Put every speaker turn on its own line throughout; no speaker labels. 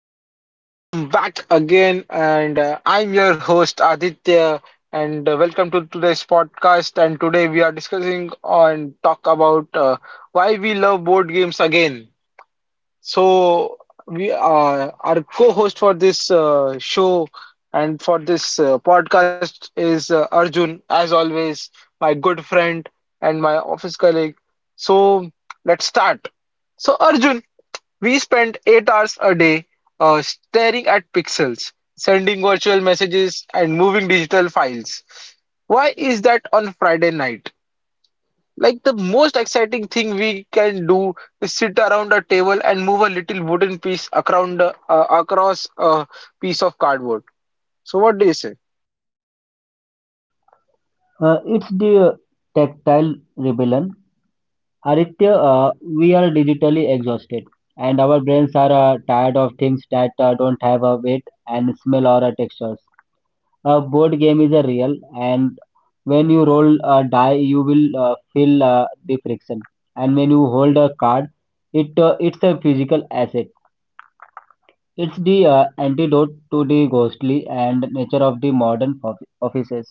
everyone, and welcome back again. And I'm your host Aditya, and welcome to today's podcast. And today we are discussing on talk about why we love board games again. So, we our co-host for this show and for this podcast is Arjun, as always, my good friend and my office colleague. So, let's start. So, Arjun. We spent 8 hours a day staring at pixels, sending virtual messages, and moving digital files. Why is that on Friday night? Like the most exciting thing we can do is sit around a table and move a little wooden piece around, across a piece of cardboard. So, what do you say?
It's the tactile rebellion. Aditya, we are digitally exhausted, and our brains are tired of things that don't have a weight and smell or a textures. A board game is a real, and when you roll a die, you will feel the friction. And when you hold a card, it's a physical asset. It's the antidote to the ghostly and nature of the modern offices.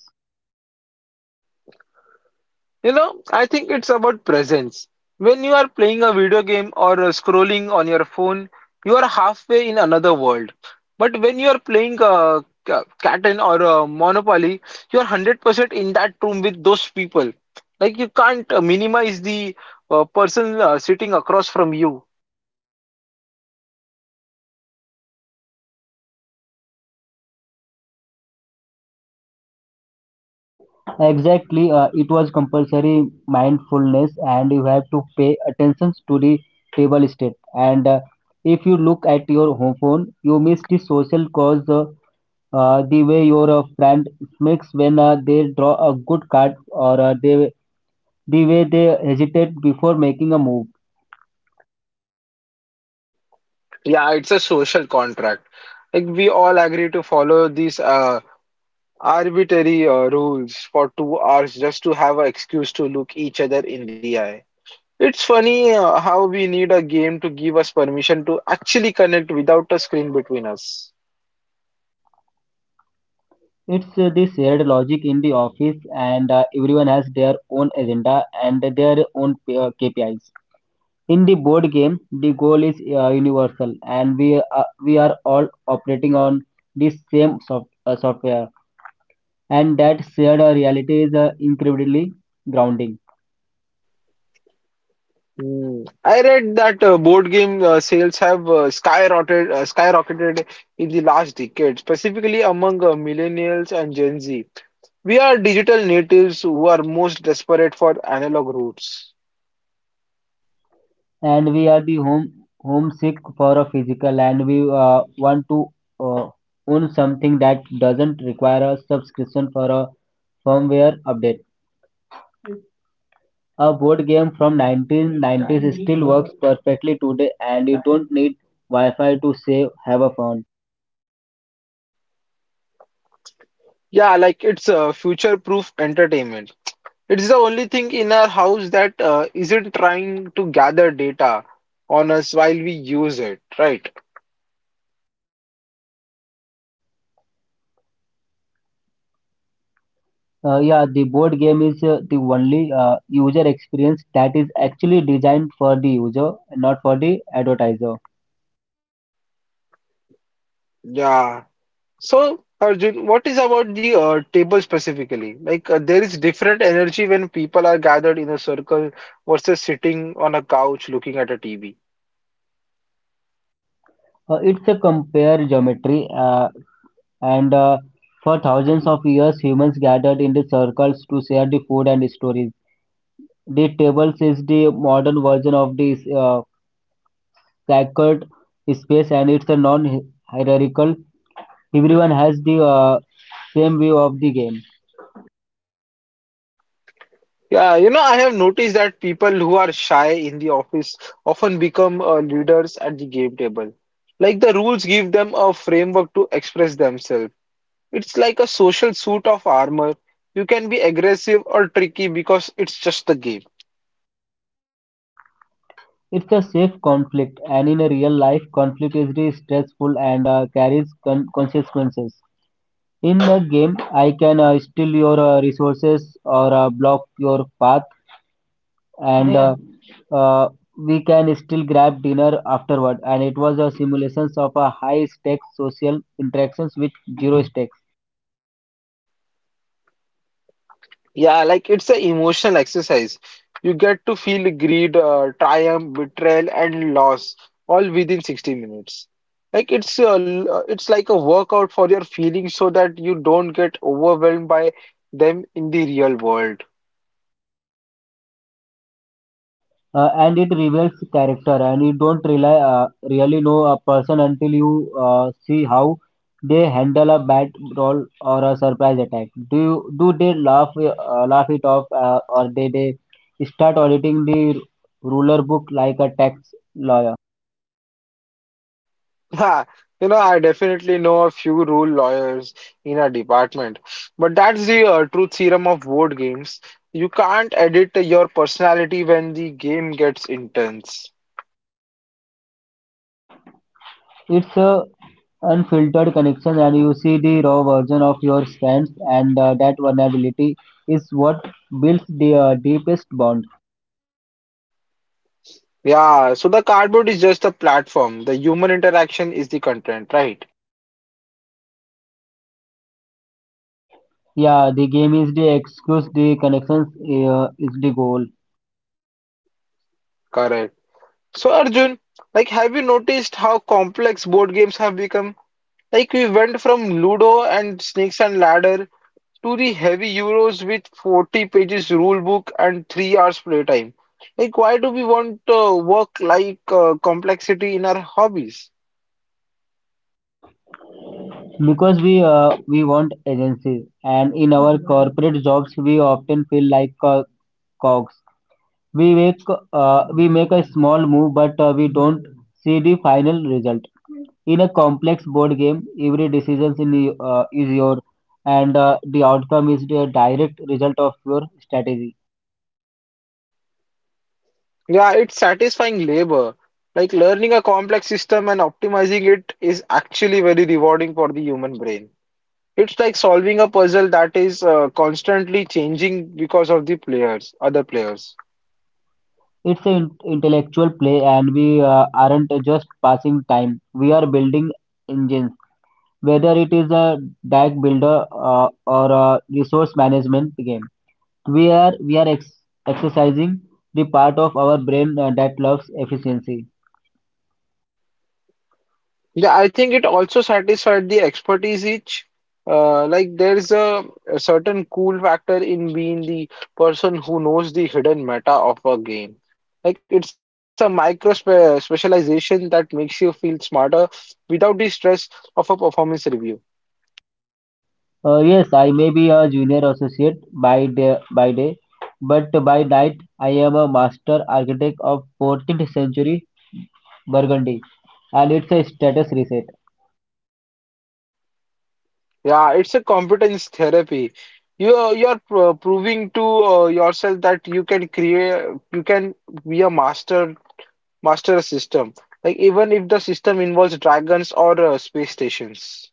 You know, I think it's about presence. When you are playing a video game or scrolling on your phone, you are halfway in another world. But when you are playing Catan or Monopoly, you are 100% in that room with those people. Like you can't minimize the person sitting across from you.
Exactly, it was compulsory mindfulness, and you have to pay attention to the table state. And if you look at your home phone, you miss the social cause. The way your friend smacks when they draw a good card, or the way they hesitate before making a move.
Yeah, it's a social contract. Like we all agree to follow these arbitrary rules for 2 hours just to have an excuse to look each other in the eye. It's funny how we need a game to give us permission to actually connect without a screen between us.
It's the shared logic in the office, and everyone has their own agenda and their own KPIs. In the board game, the goal is universal, and we are all operating on this same software, and that shared reality is incredibly grounding.
Hmm. I read that board game sales have skyrocketed in the last decade, specifically among millennials and Gen Z. We are digital natives who are most desperate for analog roots.
And we are the home homesick for a physical, and we want to uh, own something that doesn't require a subscription for a firmware update. A board game from 1990s still works perfectly today, and you don't need Wi-Fi to say have a fun.
Yeah, like it's future-proof entertainment. It's the only thing in our house that isn't trying to gather data on us while we use it, right?
Yeah, the board game is the only user experience that is actually designed for the user, not for the advertiser.
Yeah. So, Arjun, what is about the table specifically? Like, there is different energy when people are gathered in a circle versus sitting on a couch looking at a TV.
It's a compare geometry, and for thousands of years, humans gathered in the circles to share the food and stories. The tables is the modern version of this sacred space, and it's a non-hierarchical. Everyone has the same view of the game.
Yeah, you know, I have noticed that people who are shy in the office often become leaders at the game table. Like, the rules give them a framework to express themselves. It's like a social suit of armor. You can be aggressive or tricky because it's just the game.
It's a safe conflict, and in a real life, conflict is really stressful and carries consequences. In the game, I can steal your resources or block your path, and yeah, uh, uh, we can still grab dinner afterward. And it was a simulations of a high stakes social interactions with zero stakes.
Yeah, like it's an emotional exercise. You get to feel greed, triumph, betrayal, and loss all within 60 minutes. It's like a workout for your feelings so that you don't get overwhelmed by them in the real world.
And it reveals character and you don't really know a person until you see how they handle a bad role or a surprise attack. Do you, do they laugh it off or they start auditing the ruler book like a tax lawyer.
Yeah, you know, I definitely know a few rule lawyers in our department, but that's the truth serum of board games. You can't edit your personality when the game gets intense.
It's a unfiltered connection, and you see the raw version of your friends, and that vulnerability is what builds the deepest bond.
Yeah, so the cardboard is just the platform. The human interaction is the content, right?
Yeah, the game is the excuse, the connections is the goal.
Correct. So Arjun, like have you noticed how complex board games have become? Like we went from Ludo and Snakes and Ladder to the heavy Euros with 40 pages rule book and 3 hours playtime. Like why do we want work like complexity in our hobbies?
Because we want agency, and in our corporate jobs we often feel like cogs. We make uh, we make a small move, but we don't see the final result. In a complex board game, every decision is your, and the outcome is the direct result of your strategy.
Yeah, it's satisfying labor. Like learning a complex system and optimizing it is actually very rewarding for the human brain. It's like solving a puzzle that is constantly changing because of the players, other players.
It's an intellectual play, and we aren't just passing time. We are building engines, whether it is a deck builder or a resource management game. We are exercising the part of our brain that loves efficiency.
Yeah, I think it also satisfied the expertise each. Like a certain cool factor in being the person who knows the hidden meta of a game. Like it's a micro spe specialization that makes you feel smarter without the stress of a performance review.
Yes, I may be a junior associate by day, but by night I am a master architect of 14th century Burgundy, and it's a status reset.
Yeah, it's a competence therapy. You're proving to yourself that you can create, you can be a master, master system. Like even if the system involves dragons or space stations.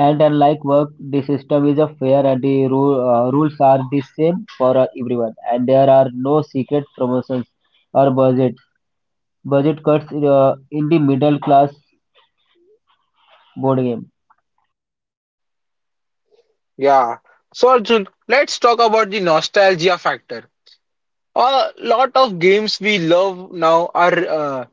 And unlike work, the system is a fair, and the rules are the same for everyone. And there are no secret promotions or budget cuts in the middle class board game.
Yeah. So Arjun, let's talk about the nostalgia factor. A lot of games we love now are uh,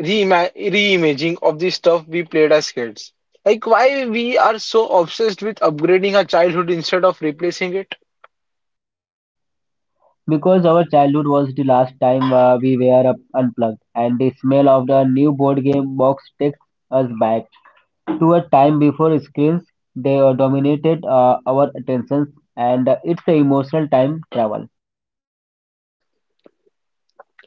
reimagining of the stuff we played as kids. Like why we are so obsessed with upgrading our childhood instead of replacing it?
Because our childhood was the last time we were up unplugged, and the smell of the new board game box takes us back to a time before screens they dominated our attentions, and it's an emotional time travel.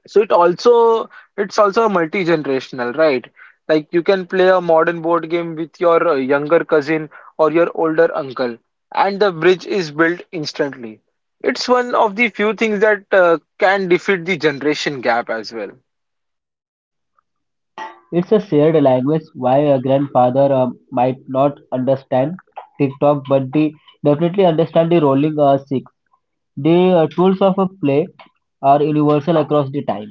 So it also It's also multi-generational, right? Like you can play a modern board game with your younger cousin or your older uncle, and the bridge is built instantly. It's one of the few things that can defeat the generation gap as well.
It's a shared language. Why a grandfather might not understand TikTok, but they definitely understand the rolling six. The tools of a play are universal across the time.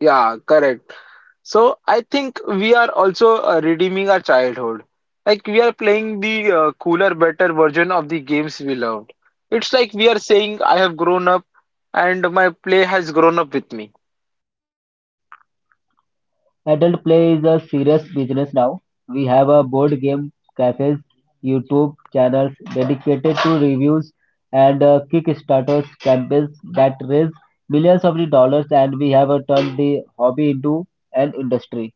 Yeah, correct. So I think we are also redeeming our childhood. Like we are playing the cooler, better version of the games we loved. It's like we are saying, I have grown up and my play has grown up with me.
Adult play is a serious business now. We have a board game cafes, YouTube channels dedicated to reviews and Kickstarters campaigns that raise millions of the dollars, and we have turned the hobby into an industry.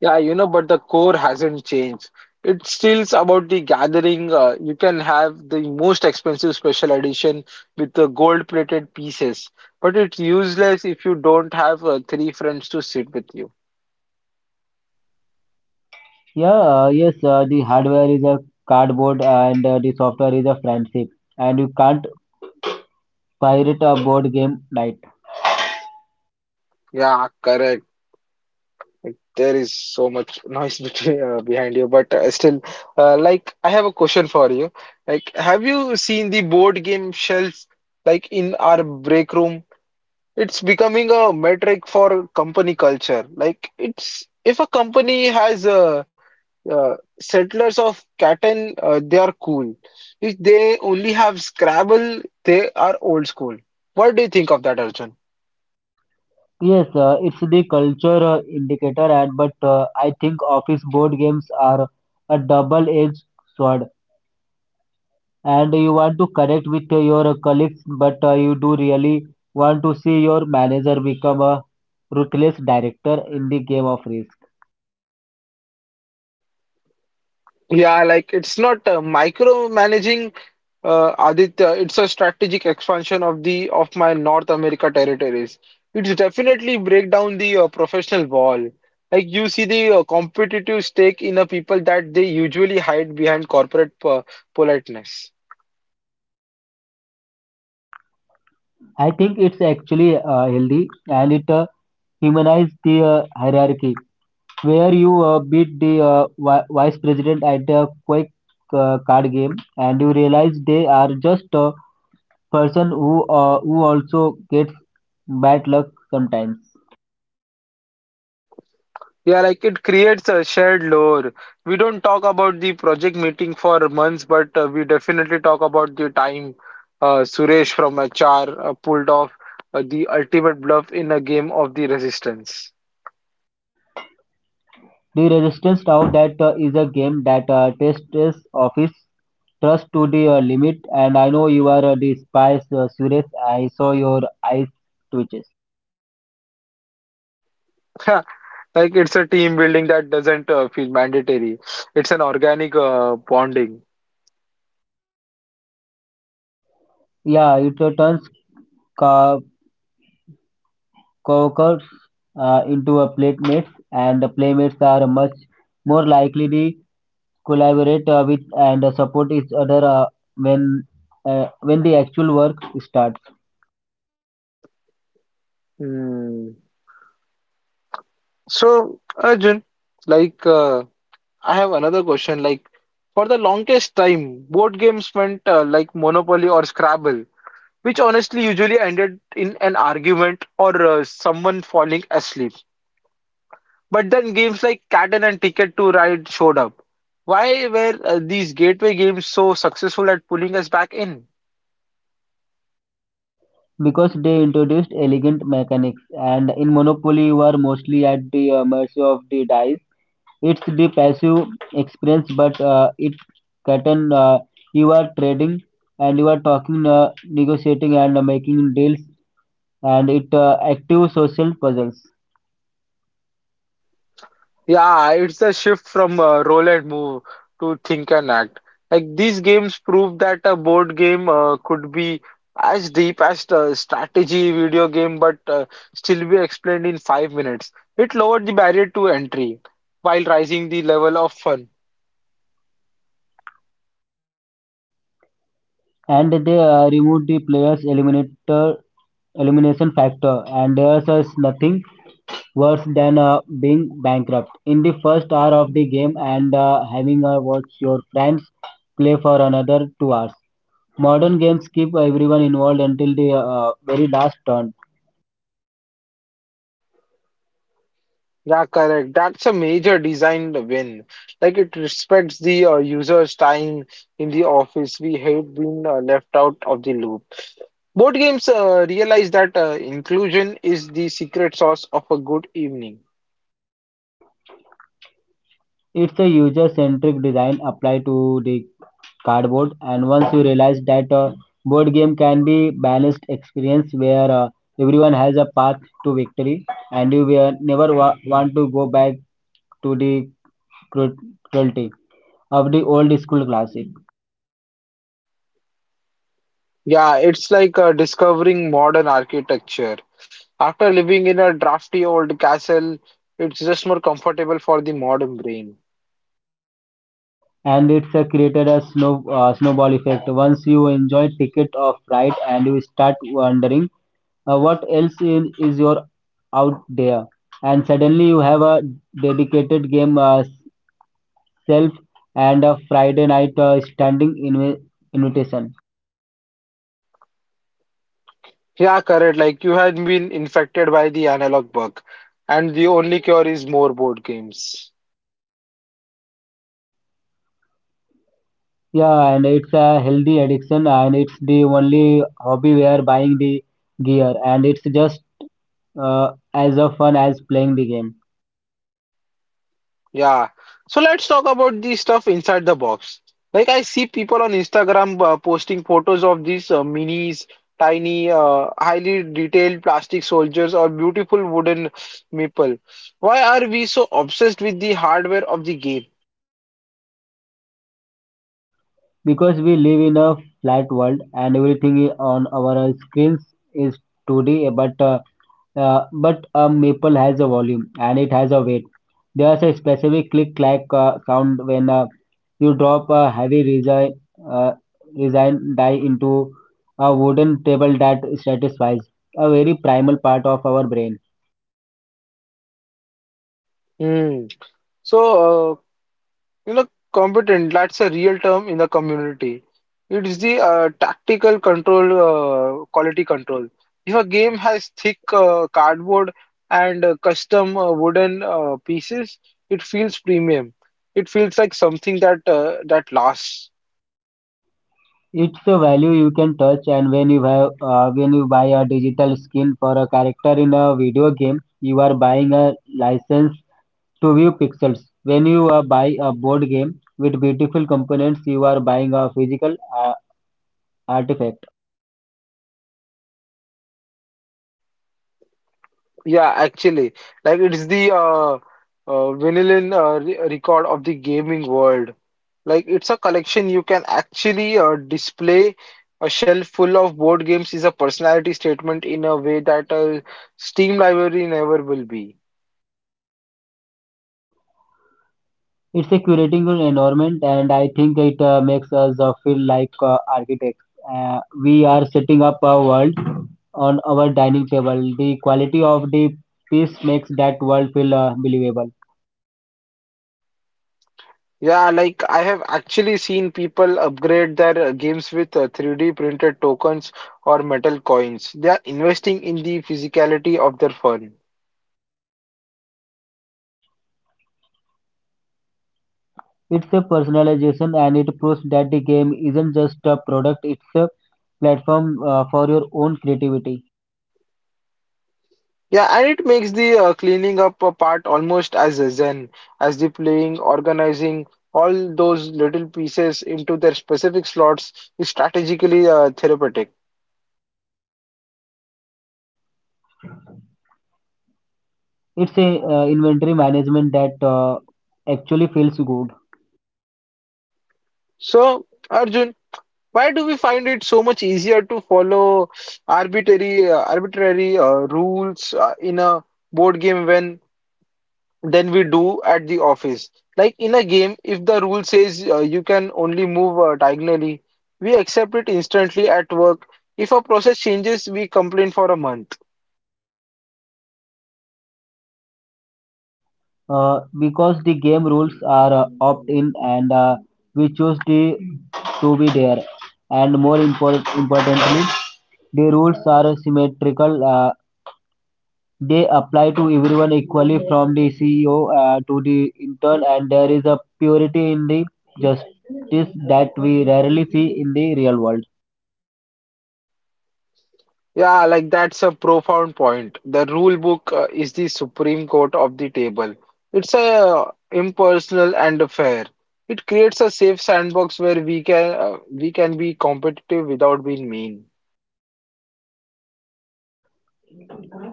Yeah, you know, but the core hasn't changed. It's still about the gathering. You can have the most expensive special edition with the gold-plated pieces, but it's useless if you don't have three friends to sit with you.
Yeah, the hardware is a cardboard, and the software is a friendship, and you can't pirate a board game night.
Yeah, correct. Like, there is so much noise between, behind you, but still, like, I have a question for you. Like, have you seen the board game shelves, like in our break room? It's becoming a metric for company culture. Like it's if a company has uh, settlers of Catan, they are cool. If they only have Scrabble, they are old school. What do you think of that, Arjun?
Yes, it's the culture indicator, and but I think office board games are a double-edged sword, and you want to connect with your colleagues, but you do really want to see your manager become a ruthless director in the game of risk.
Yeah, like it's not micromanaging Aditya, it's a strategic expansion of the of my North America territories. It's definitely break down the professional wall. Like you see the competitive stake in a people that they usually hide behind corporate po politeness.
I think it's actually healthy, and it humanize the hierarchy where you beat the vice president at a quick card game, and you realize they are just a person who also gets bad luck sometimes.
Yeah, like it creates a shared lore. We don't talk about the project meeting for months, but we definitely talk about the time Suresh from HR pulled off the ultimate bluff in a game of the resistance.
The resistance now, that is a game that tests office trust to the limit, and I know you are the spy, Suresh. I saw your eyes twitches.
Like it's a team building that doesn't feel mandatory. It's an organic bonding.
Yeah, it turns ca- cockles into a playmates, and the playmates are much more likely to collaborate with and support each other when when the actual work starts.
Hmm. So, Arjun, like I have another question. Like for the longest time, board games meant like Monopoly or Scrabble which honestly usually ended in an argument or someone falling asleep. But then games like Catan and Ticket to Ride showed up. Why were these gateway games so successful at pulling us back in?
Because they introduced elegant mechanics, and in monopoly you are mostly at the mercy of the dice. It's the passive experience, but it cotton, you are trading, and you are talking, negotiating and making deals, and it active social puzzles.
Yeah, it's the shift from roll and move to think and act. Like these games prove that a board game could be as deep as a strategy video game, but still be explained in 5 minutes. It lowered the barrier to entry while raising the level of fun.
And they removed the players eliminator elimination factor, and there's is nothing worse than being bankrupt in the first hour of the game and having watch your friends play for another 2 hours. Modern games keep everyone involved until the very last turn.
Yeah, correct. That's a major design win. Like it respects the user's time in the office. We hate being left out of the loop. Board games realize that inclusion is the secret sauce of a good evening.
It's a user centric design applied to the cardboard, and once you realize that board game can be balanced experience where everyone has a path to victory, and you will never want to go back to the cru- cruelty of the old school classic.
Yeah, it's like discovering modern architecture. After living in a drafty old castle, it's just more comfortable for the modern brain.
And it's created a snowball effect. Once you enjoy ticket of Ride, and you start wondering what else is your out there, and suddenly you have a dedicated game itself, and a Friday night standing invitation.
Yeah, correct. Like you had been infected by the analog bug, and the only cure is more board games.
Yeah, and it's a healthy addiction, and it's the only hobby we are buying the gear, and it's just as a fun as playing the game.
Yeah. So let's talk about the stuff inside the box. Like I see people on Instagram posting photos of these minis, tiny, highly detailed plastic soldiers or beautiful wooden maple. Why are we so obsessed with the hardware of the game?
Because we live in a flat world, and everything on our screens is 2D, but uh, uh, but a maple has a volume, and it has a weight. There's a specific click clack sound when you drop a heavy uh, resin die into a wooden table that satisfies a very primal part of our brain.
Hmm. So you know, competent, that's a real term in the community. It's the tactical control, quality control. If a game has thick cardboard and custom wooden pieces, it feels premium. It feels like something that that lasts.
It's a value you can touch, and when you buy a digital skin for a character in a video game, you are buying a license to view pixels. When you buy a board game with beautiful components, you are buying a physical artifact.
Yeah, actually, like it's the vinyl re record of the gaming world. Like it's a collection you can actually display a shelf full of board games is a personality statement in a way that a Steam library never will be.
It's a curating an environment, and I think it makes us feel like architects. We are setting up a world on our dining table. The quality of the piece makes that world feel believable.
Yeah, like I have actually seen people upgrade their games with 3D printed tokens or metal coins. They are investing in the physicality of their fun.
It's a personalization, and it proves that the game isn't just a product, it's a platform for your own creativity.
Yeah, and it makes the cleaning up a part almost as a zen as the playing, organizing all those little pieces into their specific slots is strategically therapeutic.
It's a inventory management that actually feels good.
So, Arjun, why do we find it so much easier to follow arbitrary rules in a board game when than we do at the office. Like in a game, if the rule says you can only move diagonally, we accept it instantly at work. If a process changes, we complain for a month.
Because the game rules are opt-in, and we choose the to be there. And more importantly, the rules are symmetrical. They apply to everyone equally, from the CEO to the intern, and there is a purity in the justice that we rarely see in the real world.
Yeah, like that's a profound point. The rule book is the supreme court of the table. It's a impersonal and a fair. It creates a safe sandbox where we can we can be competitive without being mean.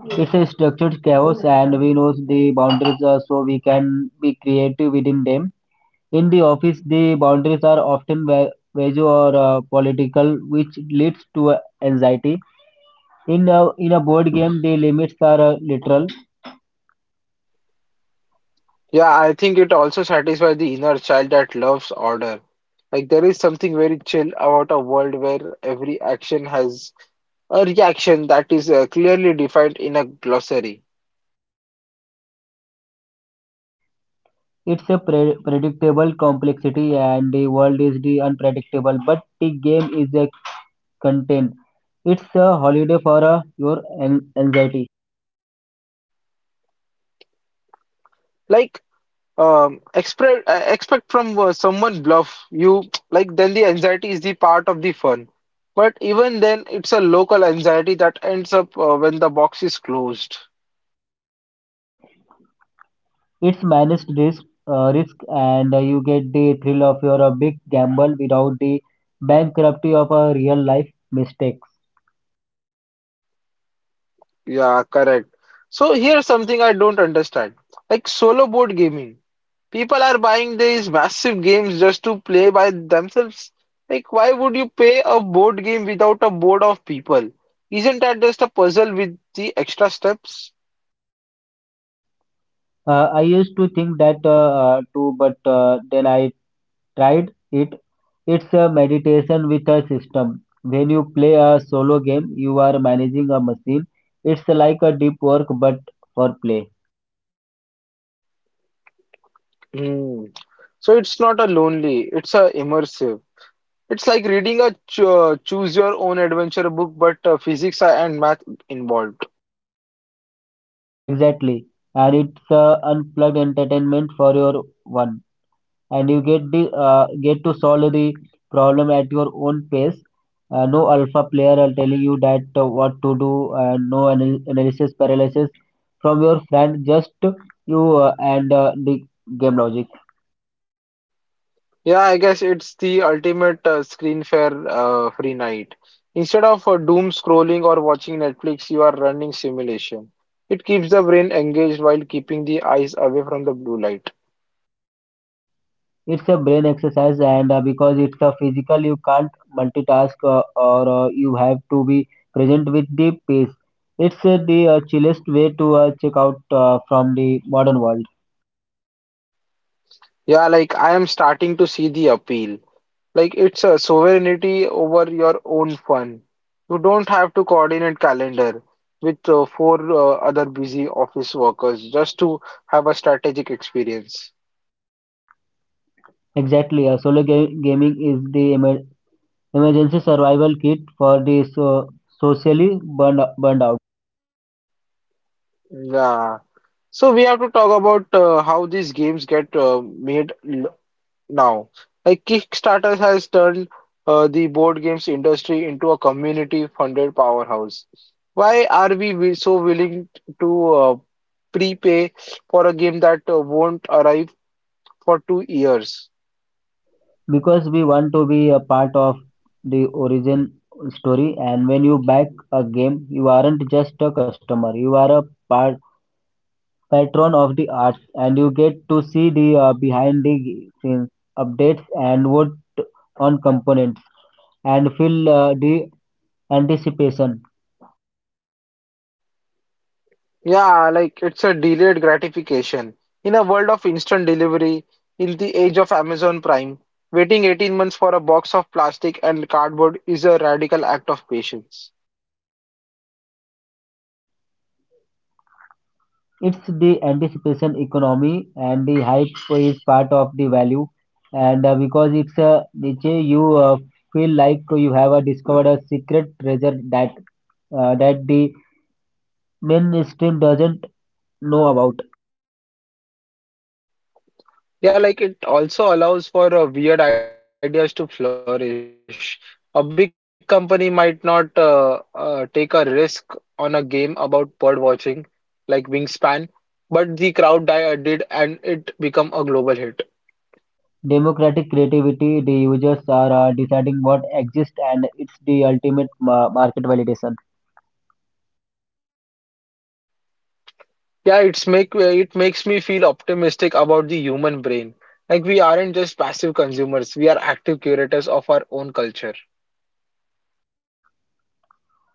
It's a structured chaos, and we know the boundaries so we can be creative within them. In the office, the boundaries are often vague or political, which leads to anxiety. In a board game, the limits are literal.
Yeah, I think it also satisfies the inner child that loves order. Like there is something very chill about a world where every action has a reaction that is clearly defined in a glossary.
It's a predictable complexity, and the world is the unpredictable. But the game is a content. It's a holiday for anxiety.
Like expect expect from someone bluff you like then the anxiety is the part of the fun. But even then, it's a local anxiety that ends up when the box is closed.
It's managed risk, and you get the thrill of your big gamble without the bankruptcy of a real life mistakes.
Yeah, correct. So here's something I don't understand. Like solo board gaming. People are buying these massive games just to play by themselves. Like, why would you pay a board game without a board of people? Isn't that just a puzzle with the extra steps?
I used to think that too, but then I tried it, it's a meditation with a system. When you play a solo game, you are managing a machine. It's like a deep work but for play.
Hmm. So it's not a lonely, it's a immersive. It's like reading a choose your own adventure book, but physics and math involved.
Exactly. And it's a unplugged entertainment for your one. And you get to solve the problem at your own pace. No alpha player are telling you that what to do. No analysis paralysis from your friend. Just you and the game logic.
Yeah, I guess it's the ultimate screen fair free night. Instead of doom scrolling or watching Netflix, you are running simulation. It keeps the brain engaged while keeping the eyes away from the blue light.
It's a brain exercise, and because it's a physical, you can't multitask or you have to be present with the pace. It's the chillest way to check out from the modern world.
Yeah, like I am starting to see the appeal. Like it's a sovereignty over your own fun. You don't have to coordinate calendar with four other busy office workers just to have a strategic experience.
Exactly, solo gaming is the emergency survival kit for the socially burned out.
Yeah. So we have to talk about how these games get made now. Like Kickstarter has turned the board games industry into a community-funded powerhouse. Why are we so willing to prepay for a game that won't arrive for 2 years?
Because we want to be a part of the origin story, and when you back a game you aren't just a customer, you are a part patron of the arts, and you get to see the behind the scenes updates, and vote on components, and feel the anticipation.
Yeah, like it's a delayed gratification. In a world of instant delivery, in the age of Amazon Prime, waiting 18 months for a box of plastic and cardboard is a radical act of patience.
It's the anticipation economy, and the hype is part of the value, and because it's a niche you feel like you have discovered a secret treasure that the mainstream doesn't know about.
Yeah, like it also allows for weird ideas to flourish. A big company might not take a risk on a game about bird watching, like Wingspan, but the crowd did, and it become a global hit.
Democratic creativity, the users are deciding what exists, and it's the ultimate market validation.
Yeah, it's makes me feel optimistic about the human brain. Like we aren't just passive consumers, we are active curators of our own culture.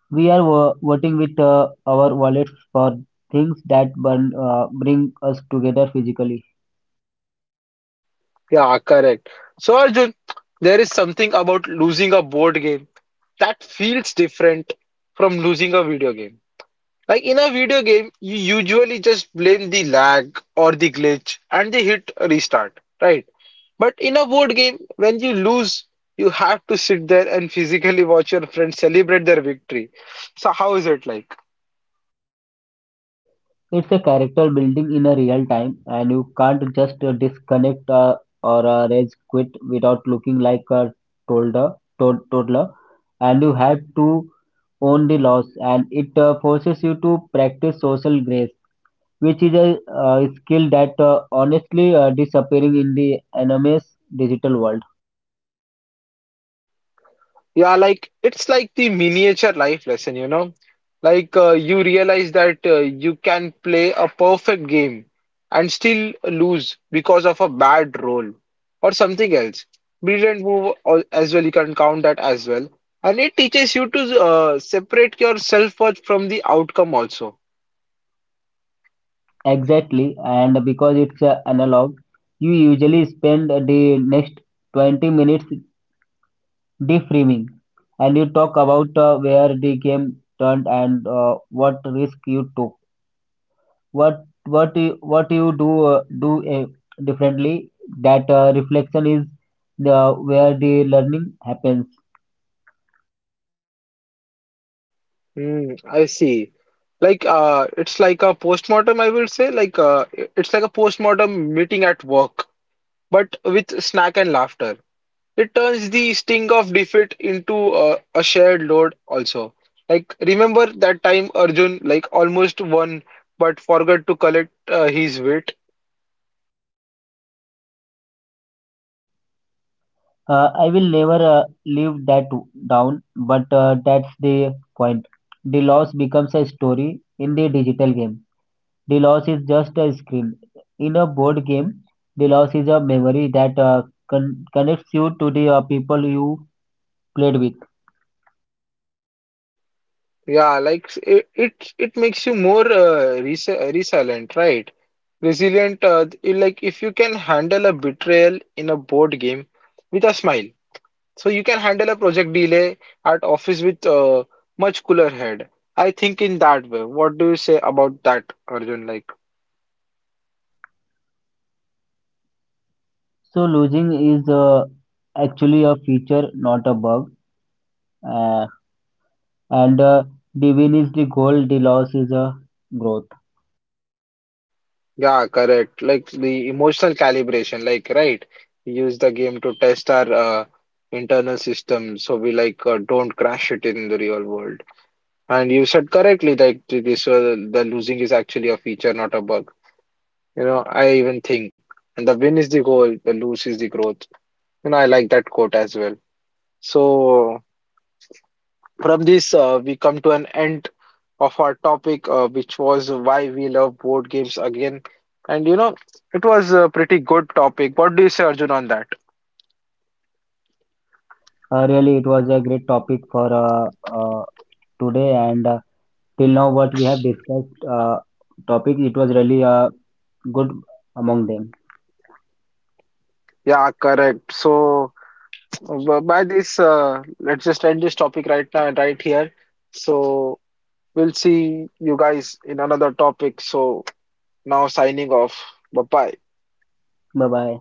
We are voting with our wallets for things that bring us together physically.
Yeah, correct. So Arjun, there is something about losing a board game that feels different from losing a video game. Like in a video game, you usually just blame the lag or the glitch and the hit restart, right? But in a board game, when you lose, you have to sit there and physically watch your friends celebrate their victory. So how is it like?
It's a character building in a real time, and you can't just disconnect or rage quit without looking like a toddler, toddler, and you have to own the loss, and it forces you to practice social grace, which is a skill that honestly disappearing in the enormous digital world.
Yeah, like it's like the miniature life lesson, you know? Like you realize that you can play a perfect game and still lose because of a bad roll or something else. Brilliant move as well, you can count that as well. And it teaches you to separate your self-worth from the outcome also.
Exactly, and because it's analog, you usually spend the next 20 minutes deframing, and you talk about where the game turned, and what risk you took, what you do do differently. That reflection is the where the learning happens.
Hmm, I see. Like it's like a postmortem, I will say. Like it's like a postmortem meeting at work, but with snack and laughter. It turns the sting of defeat into a shared load also. Like remember that time Arjun like almost won but forgot to collect his weight.
I will never live that down, but that's the point. The loss becomes a story in the digital game. The loss is just a screen. In a board game, the loss is a memory that connects you to the people you played with.
Yeah, like it makes you more resilient, right? Resilient, like if you can handle a betrayal in a board game with a smile. So you can handle a project delay at office with a much cooler head. I think in that way. What do you say about that, Arjun? Like,
So losing is actually a feature, not a bug. Uh, and the win is the goal, the loss is a growth.
yeah, correct. Like the emotional calibration, like, right? We use the game to test our internal system so we like don't crash it in the real world. And you said correctly, like this, the losing is actually a feature, not a bug. You know, I even think, and the win is the goal, the lose is the growth. You know, I like that quote as well. So. From this, we come to an end of our topic, which was why we love board games again. And you know, it was a pretty good topic. What do you say, Arjun, on that?
Really, it was a great topic for today. And. Till now what we have discussed topic it was really good among them.
Yeah, correct. So, by this, let's just end this topic right now and right here. So, we'll see you guys in another topic. So, now signing off. Bye bye.
Bye bye.